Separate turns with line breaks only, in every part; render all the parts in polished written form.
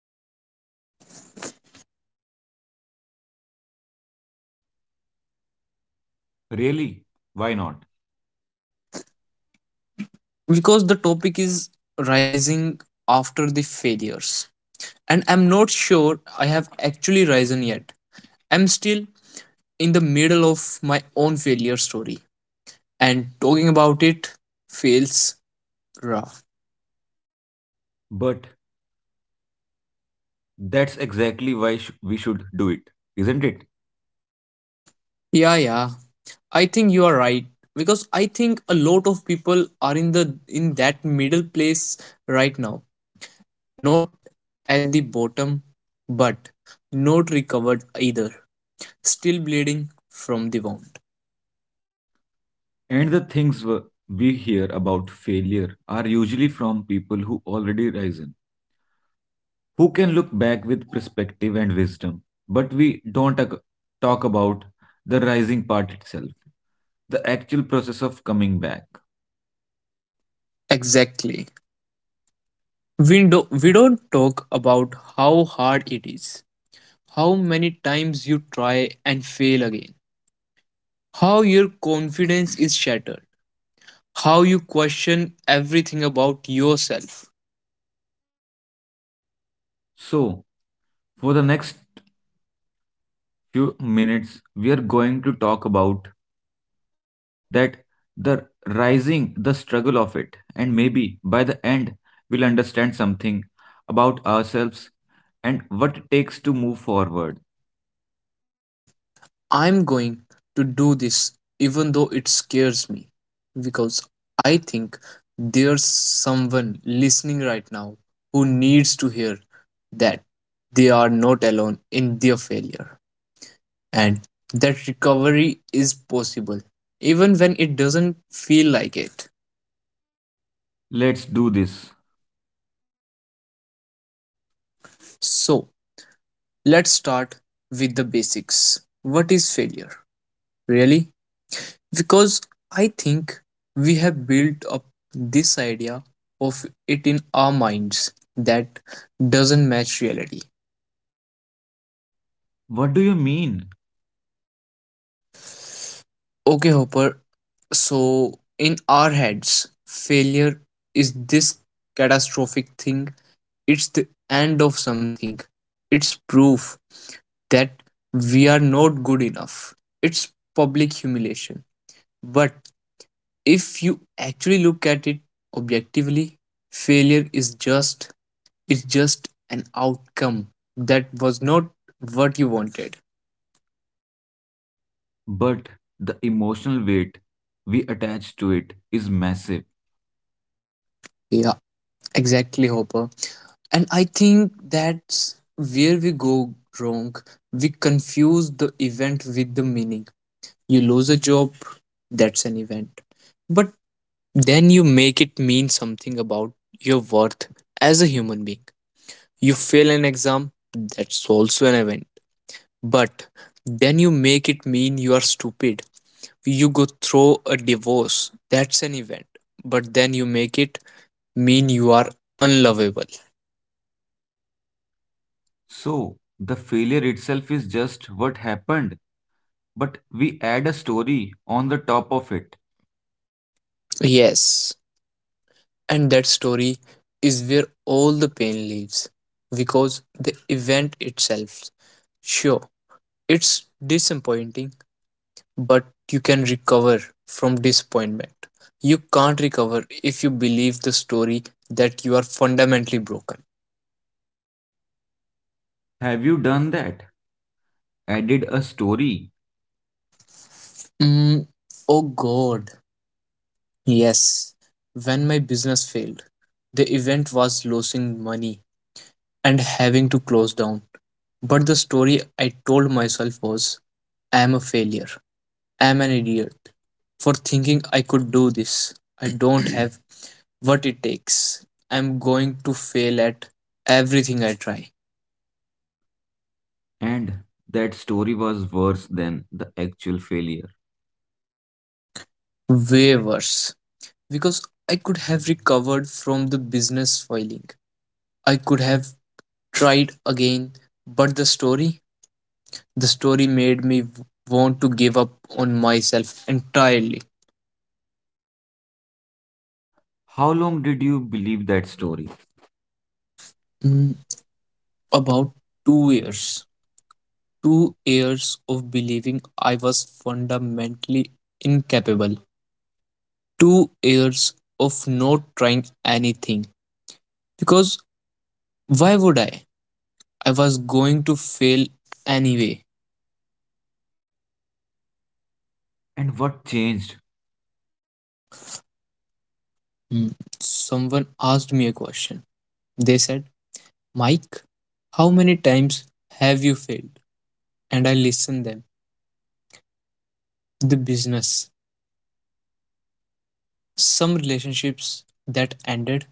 today
Really? Why not?
because the topic is rising after the failures, and I'm not sure I have actually risen yet. I'm still in the middle of my own failure story, and talking about it feels raw.
But that's exactly why we should do it, isn't it?
Yeah, yeah, I think you are right because I think a lot of people are in that middle place right now. Not at the bottom, but not recovered either. Still bleeding from the wound.
And the things we hear about failure are usually from people who already risen, who can look back with perspective and wisdom. But we don't talk about the rising part itself, the actual process of coming back.
Exactly. We don't talk about how hard it is. How many times you try and fail again. How your confidence is shattered. How you question everything about yourself.
So, for the next few minutes, we are going to talk about that the rising, the struggle of it, and maybe by the end we'll understand something about ourselves and what it takes to move forward.
And I'm going to do this even though it scares me because I think there's someone listening right now who needs to hear that they are not alone in their failure and that recovery is possible even when it doesn't feel like it.
Let's do this.
So, let's start with the basics. What is failure? Really? Because I think we have built up this idea of it in our minds that doesn't match reality.
What do you mean?
Okay, Hopper, so in our heads, failure is this catastrophic thing, it's the end of something, it's proof that we are not good enough, it's public humiliation. But if you actually look at it objectively, failure is just— it's just an outcome that was not what you wanted.
But the emotional weight we attach to it is massive.
Yeah, exactly, Hopper. And I think that's where we go wrong. We confuse the event with the meaning. You lose a job, that's an event. But then you make it mean something about your worth as a human being. You fail an exam, that's also an event. But then you make it mean you are stupid. You go through a divorce, that's an event, but then you make it mean you are unlovable.
So the failure itself is just what happened, but we add a story on the top of it.
Yes, and that story is where all the pain lives, because the event itself, sure, it's disappointing, but you can recover from disappointment. You can't recover if you believe the story that you are fundamentally broken.
Have you done that? Added a story.
mm, oh god. Yes, when my business failed, the event was losing money and having to close down. But the story I told myself was, I am a failure. I am an idiot for thinking I could do this. I don't have what it takes. I'm going to fail at everything I try.
And that story was worse than the actual failure.
Way worse. Because I could have recovered from the business filing. I could have tried again, but the story— the story made me want to give up on myself entirely.
How long did you believe that story?
Mm.
About
About
two
two
years.
years.
Two
Two
years.
years of believing I was fundamentally incapable. 2 years of not trying anything. Because why would I? I was going to fail anyway.
And what changed?
Mm. Someone asked me a question. They said, Mike, how many times have you failed? And I listened them. The business, some relationships that ended,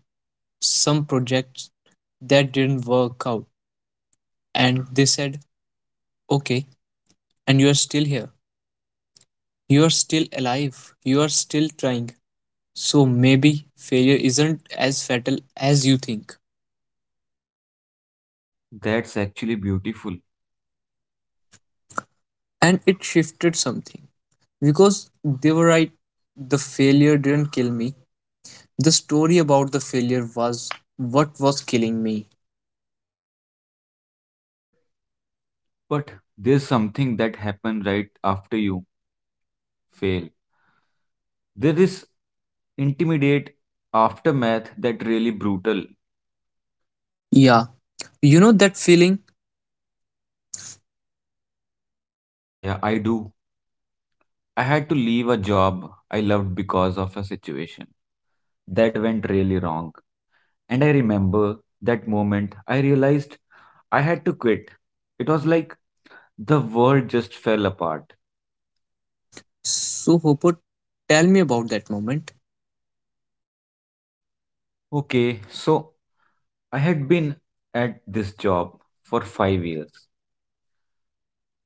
some projects that didn't work out. And they said, okay, and you're still here. You're still alive. You're still trying. So maybe failure isn't as fatal as you think.
That's actually beautiful.
And it shifted something because they were right. The failure didn't kill me. The story about the failure was what was killing me.
But there's something that happened right after you fail. There is intimidate aftermath that really brutal.
Yeah, you know that feeling?
Yeah, yeah, I do. I had to leave a job I loved because of a situation that went really wrong. And I remember that moment I realized I had to quit. It was like the world just fell apart.
So, Hopper, tell me about that moment.
Okay, so I had been at this job for 5 years.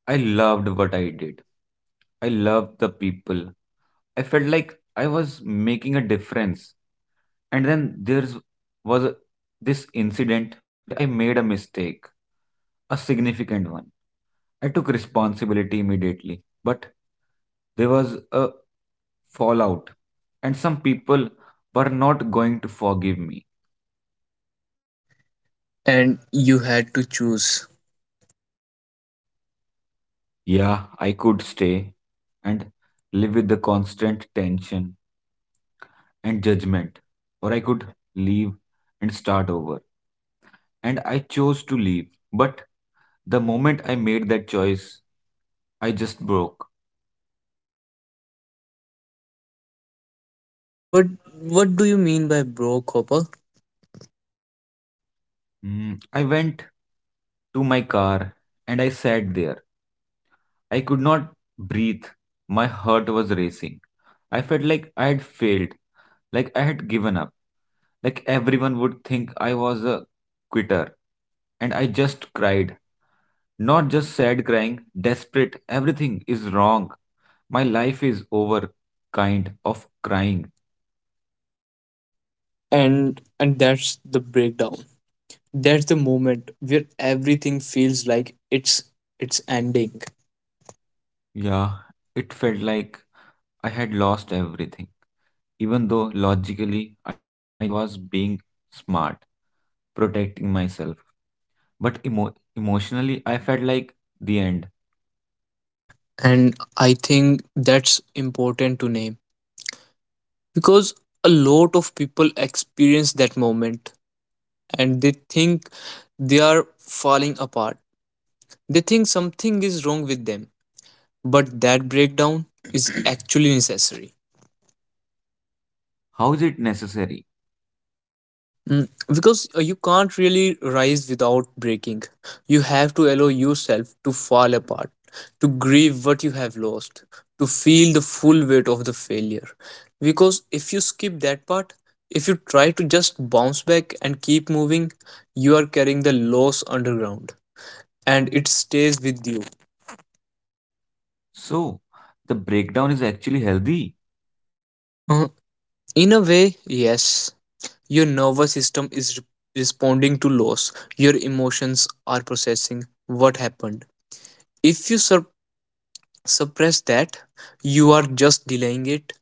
I loved what I did. I loved the people. I felt like I was making a difference. And then there's was this incident where I made a mistake, a significant one. I took responsibility immediately, but there was a fallout, and some people were not going to forgive me.
And you had to choose.
Yeah, I could stay and live with the constant tension and judgment, or I could leave and start over. And I chose to leave. But the moment I made that choice, I just broke.
What— what do you mean by broke, Hopper?
I went to my car and I sat there. I could not breathe. My heart was racing. I felt like I had failed, like I had given up, like everyone would think I was a quitter. And I just cried. Not just sad crying, desperate. Everything is wrong. My life is over, kind of crying.
And that's the breakdown. That's the moment where everything feels like it's ending.
Yeah, it felt like I had lost everything, even though logically I knew I was being smart, protecting myself. But emotionally, I felt like the end.
And I think that's important to name because a lot of people experience that moment and they think they are falling apart. They think something is wrong with them, but that breakdown is actually necessary.
How is it necessary?
Because you can't really rise without breaking. You have to allow yourself to fall apart, to grieve what you have lost, to feel the full weight of the failure. Because if you skip that part, if you try to just bounce back and keep moving, you are carrying the loss underground and it stays with you.
So, the breakdown is actually healthy,
Uh, in a way, yes, your nervous system is responding to loss, your emotions are processing what happened. If you suppress that, you are just delaying it.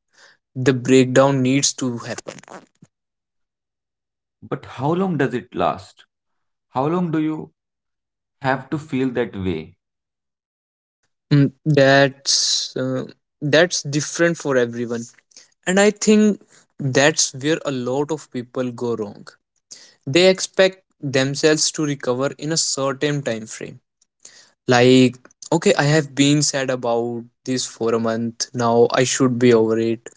The breakdown needs to happen.
but how long does it last? How long do you have to feel that way?
Mm, that's uh, that's different for everyone. And I think that's where a lot of people go wrong. They expect themselves to recover in a certain time frame, like, okay, I have been sad about this for a month now, I should be over it.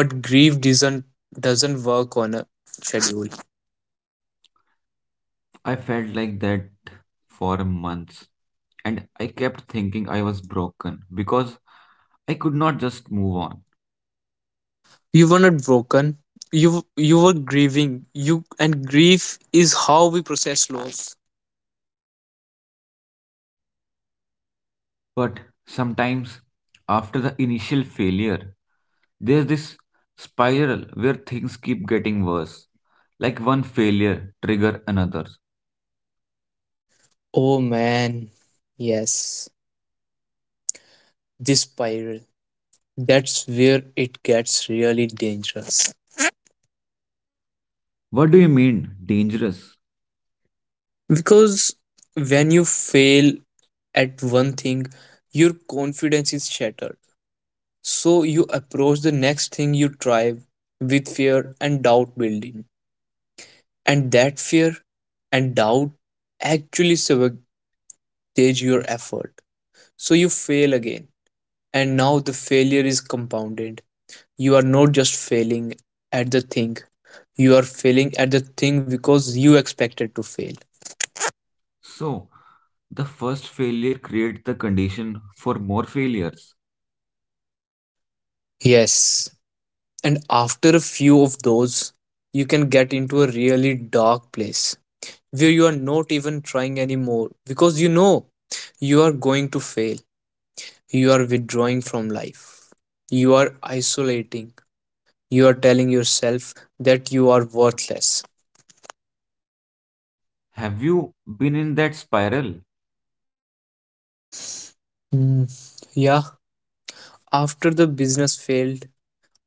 But grief doesn't work on a schedule.
I felt like that for months, and I kept thinking I was broken because I could not just move on.
You were not broken. You were grieving. You and grief is how we process loss.
But sometimes, after the initial failure, there's this spiral where things keep getting worse. Like one failure trigger another.
Oh man, yes, this spiral. That's where it gets really dangerous.
What do you mean, dangerous?
Because when you fail at one thing, your confidence is shattered. So you approach the next thing you try with fear and doubt building. And that fear and doubt actually sabotage your effort. So you fail again. And now the failure is compounded. You are not just failing at the thing, you are failing at the thing because you expected to fail.
So, the first failure creates the condition for more failures.
Yes. And after a few of those, you can get into a really dark place where you are not even trying anymore because you know you are going to fail. You are withdrawing from life. You are isolating. You are telling yourself that you are worthless.
Have you been in that spiral?
Mm, yeah. After the business failed,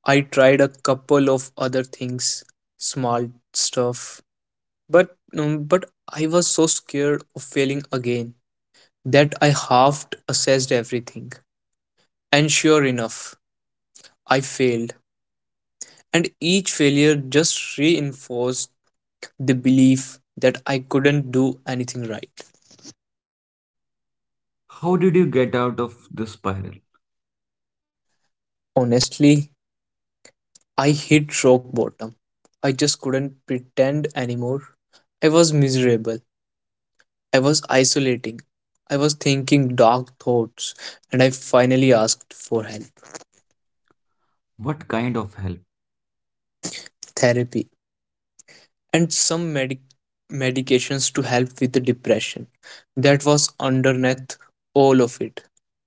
I tried a couple of other things, small stuff, but I was so scared of failing again that I half assessed everything. And sure enough, I failed. And each failure just reinforced the belief that I couldn't do anything right.
How did you get out of the spiral?
Honestly, I hit rock bottom. I just couldn't pretend anymore. I was miserable. I was isolating. I was thinking dark thoughts, and I finally asked for help,
What kind of help?
therapy, and some medications to help with the depression. That was underneath all of it,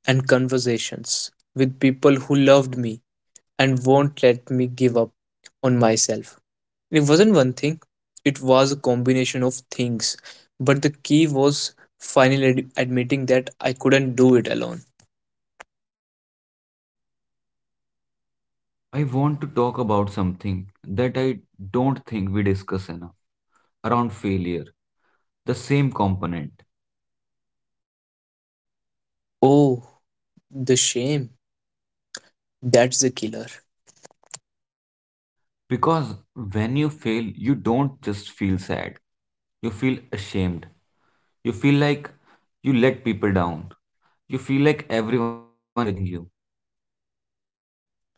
and conversations with people who loved me and won't let me give up on myself. It wasn't one thing, it was a combination of things, but the key was finally admitting that I couldn't do it alone.
I want to talk about something that I don't think we discuss enough around failure, the same component.
Oh, the shame. That's the killer.
Because when you fail, you don't just feel sad, you feel ashamed, you feel like you let people down, you feel like everyone is judging you.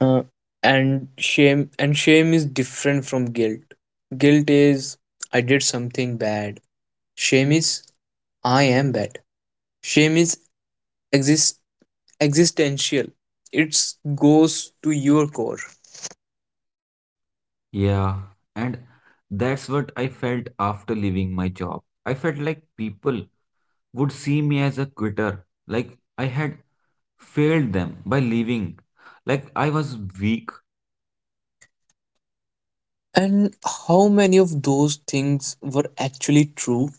Uh, and shame is different from guilt. Guilt is, I did something bad. Shame is, I am bad. Shame is exist existential. It goes to your core.
Yeah, and that's what I felt after leaving my job. I felt like people would see me as a quitter, like I had failed them by leaving, like I was weak.
And how many of those things were actually true?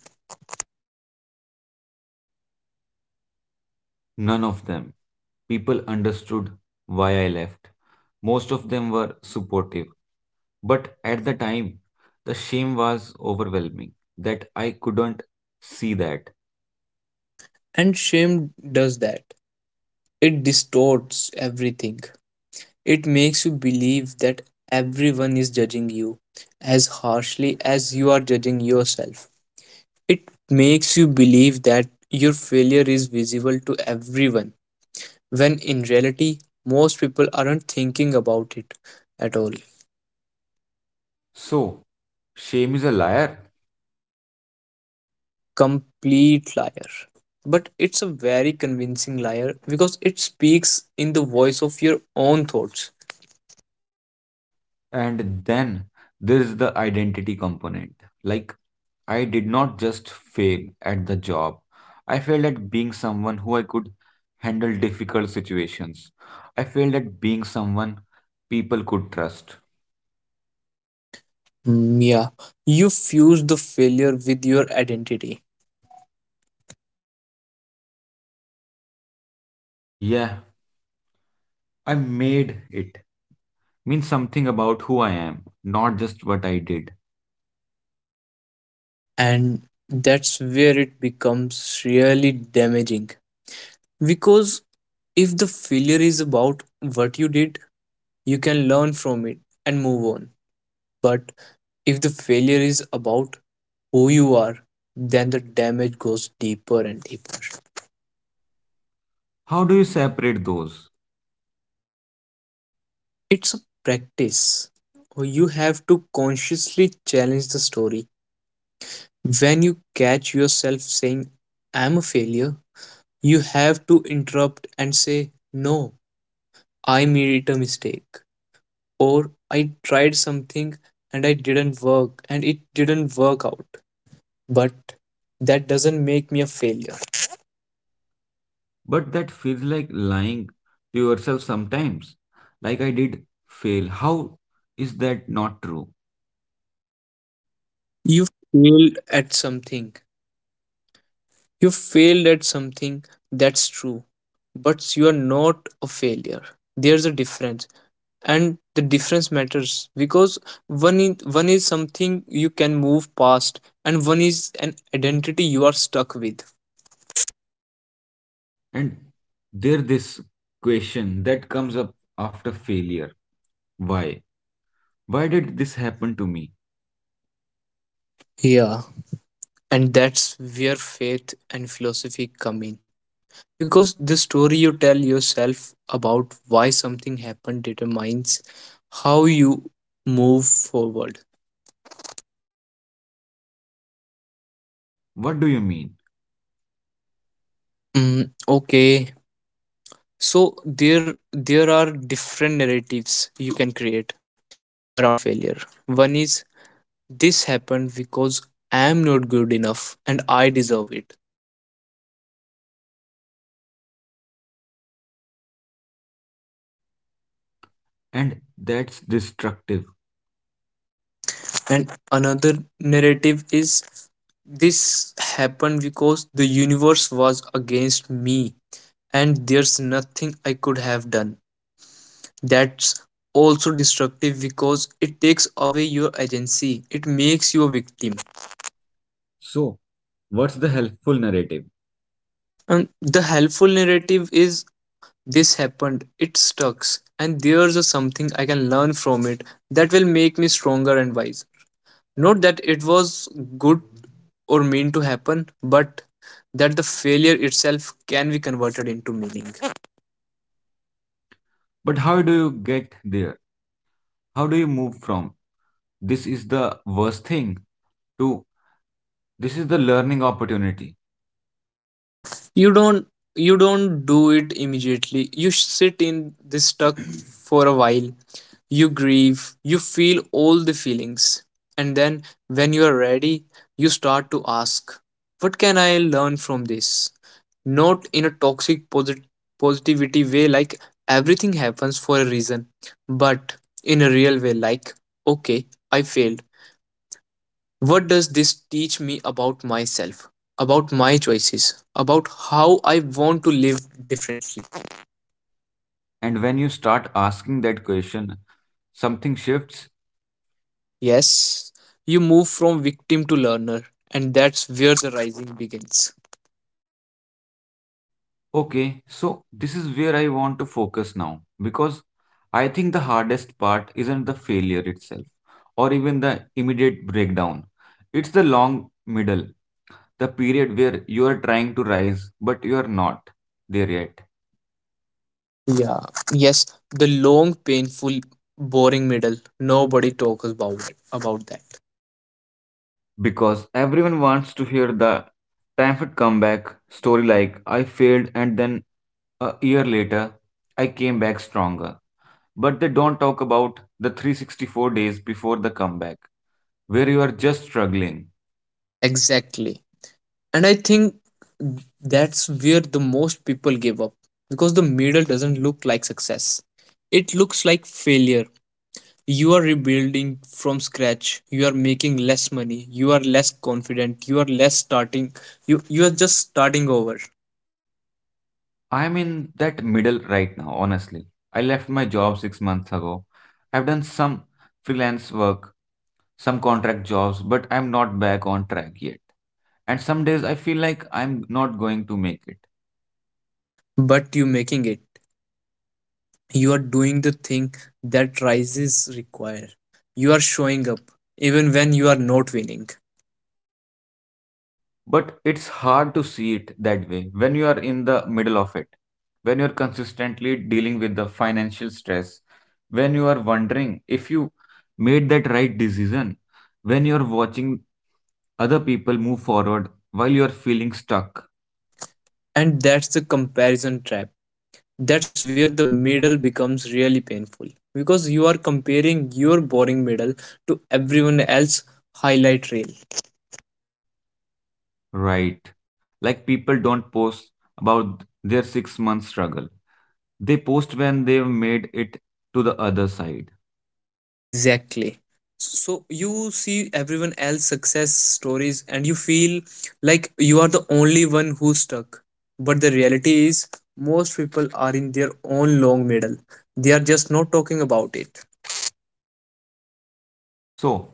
None of them. People understood why I left. Most of them were supportive. But at the time, the shame was overwhelming that I couldn't see that.
And shame does that. It distorts everything. It makes you believe that everyone is judging you as harshly as you are judging yourself. It makes you believe that your failure is visible to everyone, when in reality, most people aren't thinking about it at all.
So, shame is a liar.
Complete liar. But it's a very convincing liar because it speaks in the voice of your own thoughts.
And then there is the identity component. Like, I did not just fail at the job, I failed at being someone who I could handle difficult situations. I failed at being someone people could trust.
Yeah, you fuse the failure with your identity.
Yeah, I made it. Means something about who I am, not just what I did.
And that's where it becomes really damaging because if the failure is about what you did, you can learn from it and move on. But if the failure is about who you are, then the damage goes deeper and deeper.
How do you separate those?
It's a practice. You have to consciously challenge the story. When you catch yourself saying, I'm a failure, you have to interrupt and say, no, I made a mistake, or I tried something and I didn't work and it didn't work out. But that doesn't make me a failure.
But that feels like lying to yourself sometimes. Like I did fail. How is that not true?
You failed at something. You failed at something, that's true. But you are not a failure. There's a difference. And the difference matters because one is something you can move past, and one is an identity you are stuck with.
And there this question that comes up after failure. Why? Why did this happen to me?
Yeah, and that's where faith and philosophy come in because the story you tell yourself about why something happened determines how you move forward.
What do you mean?
mm, okay, so there there are different narratives you can create around failure. One is, this happened because I am not good enough and I deserve it. That narrative leads to shame and despair.
And that's destructive.
And another narrative is, this happened because the universe was against me, and there's nothing I could have done. That's also destructive because it takes away your agency, it makes you a victim.
So, what's the helpful narrative?
And the helpful narrative is, this happened, it sucks, and there's a something I can learn from it that will make me stronger and wise. Not that it was good or mean to happen, but that the failure itself can be converted into meaning.
But how do you get there? How do you move from this is the worst thing to this is the learning opportunity?
you don't you don't do it immediately. You sit in this stuck for a while. You grieve, you feel all the feelings, and then when you are ready, you start to ask, what can I learn from this? Not in a toxic positivity way like, everything happens for a reason, but in a real way like, okay, I failed, what does this teach me about myself, about my choices, about how I want to live differently?
And when you start asking that question, something shifts.
Yes, you move from victim to learner, and that's where the rising begins.
Okay, so this is where I want to focus now because I think the hardest part isn't the failure itself or even the immediate breakdown. It's the long middle, the period where you are trying to rise but you are not there yet.
Yeah, yes, the long, painful, boring middle. Nobody talks about it, about that.
Because everyone wants to hear the triumphant comeback story like I failed and then a year later I came back stronger. But they don't talk about the 364 days before the comeback, where you are just struggling.
Exactly. And I think that's where the most people give up because the middle doesn't look like success. It looks like failure. You are rebuilding from scratch, you are making less money, you are less confident, you are less starting, you are just starting over.
I'm in that middle right now, honestly. I left my job 6 months ago. I've done some freelance work, some contract jobs, but I'm not back on track yet. And some days I feel like I'm not going to make it.
But you making it, you are doing the thing that rises require. You are showing up even when you are not winning.
But it's hard to see it that way when you are in the middle of it, when you're consistently dealing with the financial stress, when you are wondering if you made that right decision, when you're watching other people move forward while you're feeling stuck,
And that's the comparison trap. That's where the middle becomes really painful because you are comparing your boring middle to everyone else's highlight reel.
right? Like people don't post about their 6 month struggle, they post when they've made it to the other side.
Exactly. So you see everyone else success stories and you feel like you are the only one who's stuck. But the reality is most people are in their own long middle. They are just not talking about it.
So,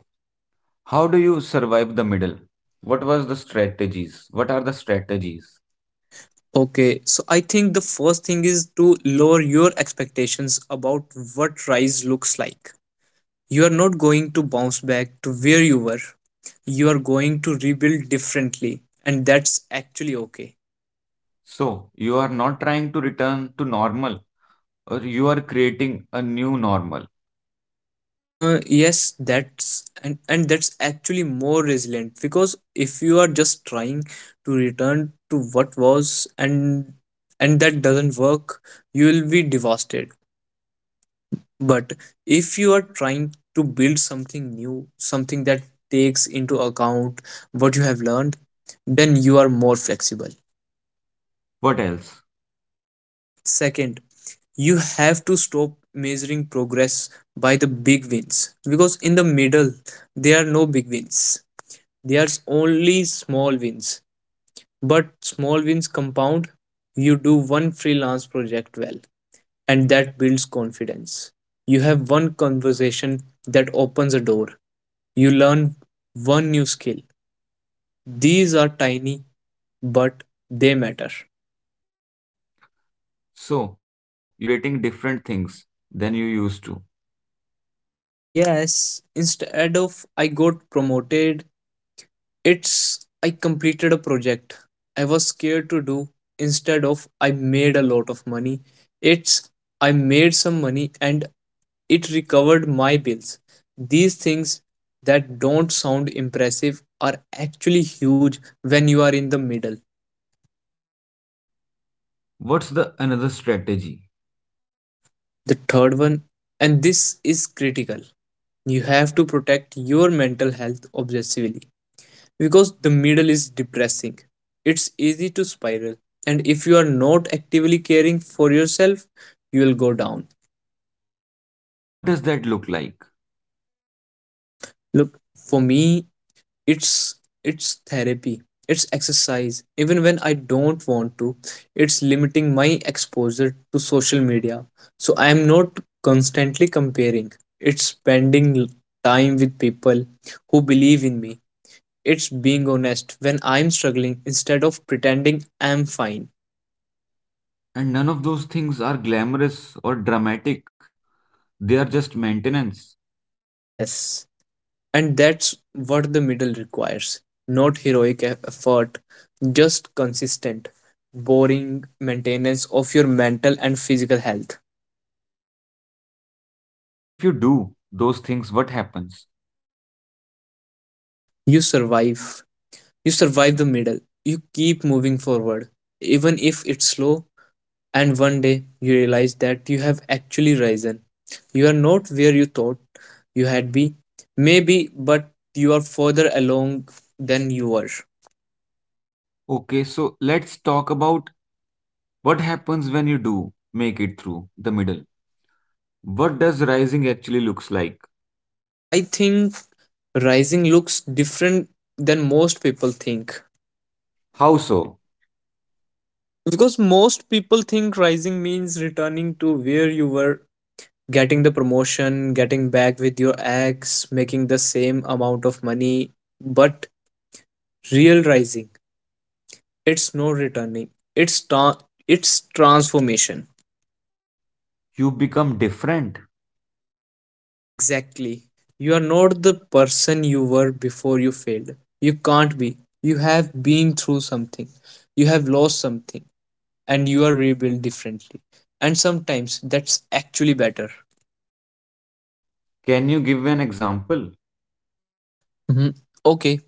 how do you survive the middle? What was the strategies? What are the strategies?
Okay, so I think the first thing is to lower your expectations about what rise looks like. You are not going to bounce back to where you were. You are going to rebuild differently, and that's actually okay.
So, you are not trying to return to normal or you are creating a new normal.
Yes, and that's actually more resilient, because if you are just trying to return to what was and that doesn't work, you will be devastated. But if you are trying to build something new, something that takes into account what you have learned, then you are more flexible.
What else?
Second, you have to stop measuring progress by the big wins, because in the middle there are no big wins. There's only small wins, but small wins compound. You do one freelance project well, and that builds confidence. You have one conversation that opens a door. You learn one new skill. These are tiny, but they matter.
So, you are celebrating different things than you used to.
Yes, instead of I got promoted, it's I completed a project I was scared to do. Instead of I made a lot of money, it's I made some money and it recovered my bills. These things that don't sound impressive are actually huge when you are in the middle.
What's the another strategy?
The third one, and this is critical, you have to protect your mental health obsessively, because the middle is depressing. It's easy to spiral, and if you are not actively caring for yourself, you will go down.
What does that look like?
Look, for me, it's it's therapy. It's exercise even when I don't want to. It's limiting my exposure to social media so I am not constantly comparing. It's spending time with people who believe in me. It's being honest when I'm struggling instead of pretending I'm fine.
And none of those things are glamorous or dramatic. They are just maintenance.
Yes, and that's what the middle requires, not heroic effort, just consistent, boring maintenance of your mental and physical health.
And if you do those things, what happens?
You survive. You survive the middle. You keep moving forward, even if it's slow. And one day you realize that you have actually risen. You are not where you thought you had be, maybe, but you are further along than you were.
Okay, so let's talk about what happens when you do make it through the middle? What does rising actually looks like?
I think rising looks different than most people think.
How so?
Because most people think rising means returning to where you were, getting the promotion, getting back with your ex, making the same amount of money. But real rising, it's no returning. It's it's transformation.
You become different.
Exactly. You are not the person you were before you failed. You can't be. You have been through something. You have lost something and you are rebuilt differently. And sometimes that's actually better.
Can you give an example?
Mhm. Okay,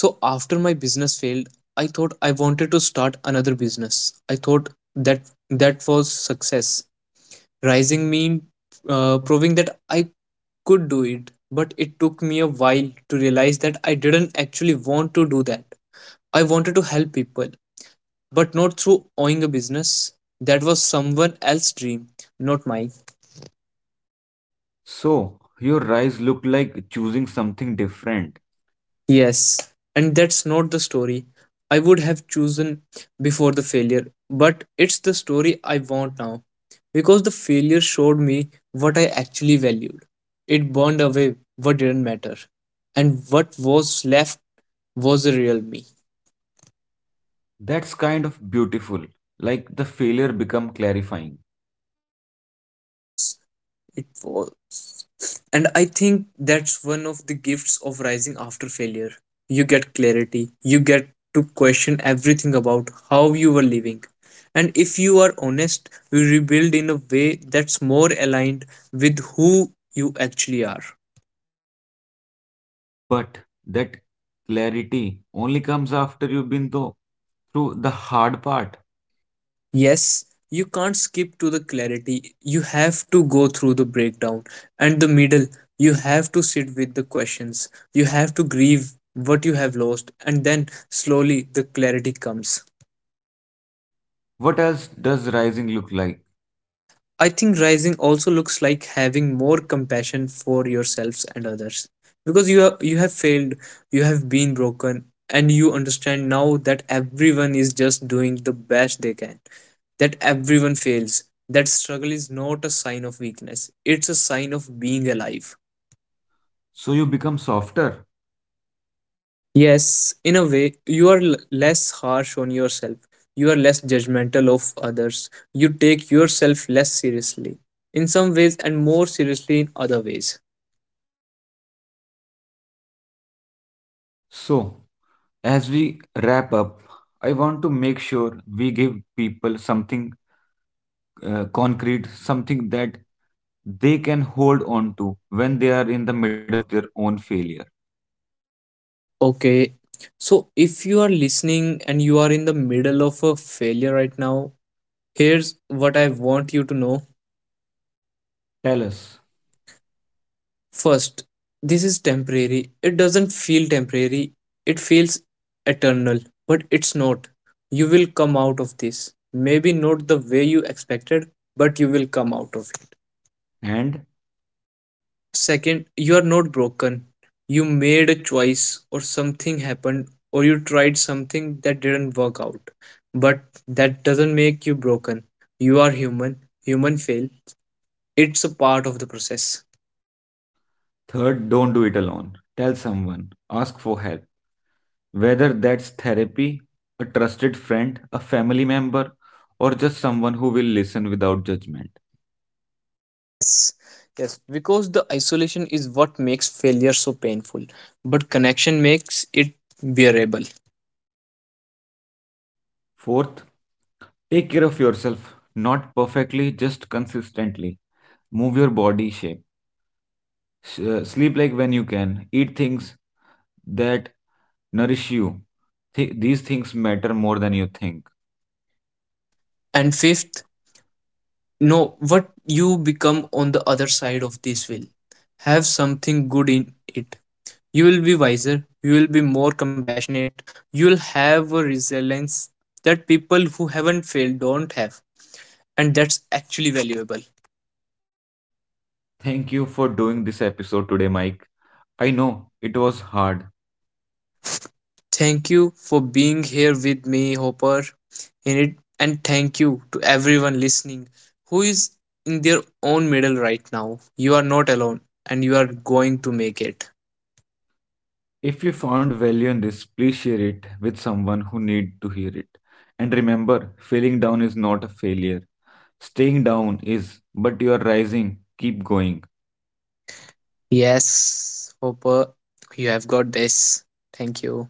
so after my business failed, I thought I wanted to start another business. I thought that that was success. Rising mean, proving that I could do it, but it took me a while to realize that I didn't actually want to do that. I wanted to help people, but not through owning a business. That was someone else's dream, not mine.
So, your rise looked like choosing something different.
Yes, and that's not the story I would have chosen before the failure, but it's the story I want now because the failure showed me what I actually valued. It burned away what didn't matter, and what was left was the real me.
That's kind of beautiful. Like the failure become clarifying.
It was. It was. And I think that's one of the gifts of rising after failure. You get clarity, you get to question everything about how you were living. And if you are honest, you rebuild in a way that's more aligned with who you actually are.
But that clarity only comes after you've been though through the hard part.
Yes, you can't skip to the clarity. You have to go through the breakdown and the middle. You have to sit with the questions. You have to grieve what you have lost, and then slowly the clarity comes.
What else does rising look like?
I think rising also looks like having more compassion for yourselves and others, because you have failed, you have been broken, and you understand now that everyone is just doing the best they can. That everyone fails. That struggle is not a sign of weakness. It's a sign of being alive.
So you become softer.
Yes, in a way, you are less harsh on yourself. You are less judgmental of others. You take yourself less seriously in some ways and more seriously in other ways.
So as we wrap up, I want to make sure we give people something concrete, something that they can hold on to when they are in the middle of their own failure.
Okay. So if you are listening and you are in the middle of a failure right now, here's what I want you to know.
Tell us.
First, this is temporary. It doesn't feel temporary, it feels eternal, but it's not. You will come out of this. Maybe not the way you expected, but you will come out of it.
And
Second, you are not broken. You made a choice, or something happened, or you tried something that didn't work out. But that doesn't make you broken. You are human. Human fail. It's a part of the process.
third, don't do it alone. Tell someone, ask for help. Whether that's therapy, a trusted friend, a family member, or just someone who will listen without judgment.
Yes. Yes, because the isolation is what makes failure so painful, but connection makes it bearable.
Fourth, take care of yourself, not perfectly, just consistently. Move your body shape. Sleep like when you can. Eat things that nourish you. These things matter more than you think.
And
And
fifth,
fifth,
know
know
what
what
you
you
become
become
on
on
the
the
other
other
side
side of
of this
this
will.
win.
Have
Have something
something good
good in
in
it.
it. You
You
will
will
be
be wiser.
wiser, you will be more compassionate, you will have a resilience that people who haven't failed don't have. And that's actually valuable.
Thank you for doing this episode today, Mike. I know it was hard.
Thank you for being here with me, Hopper, in it. And thank you to everyone listening who is in their own middle right now. You are not alone and you are going to make it.
If you found value in this, please share it with someone who need to hear it. And remember, failing down is not a failure. Staying down is, but you are rising. Keep going.
Yes, Hopper, you have got this. Thank you.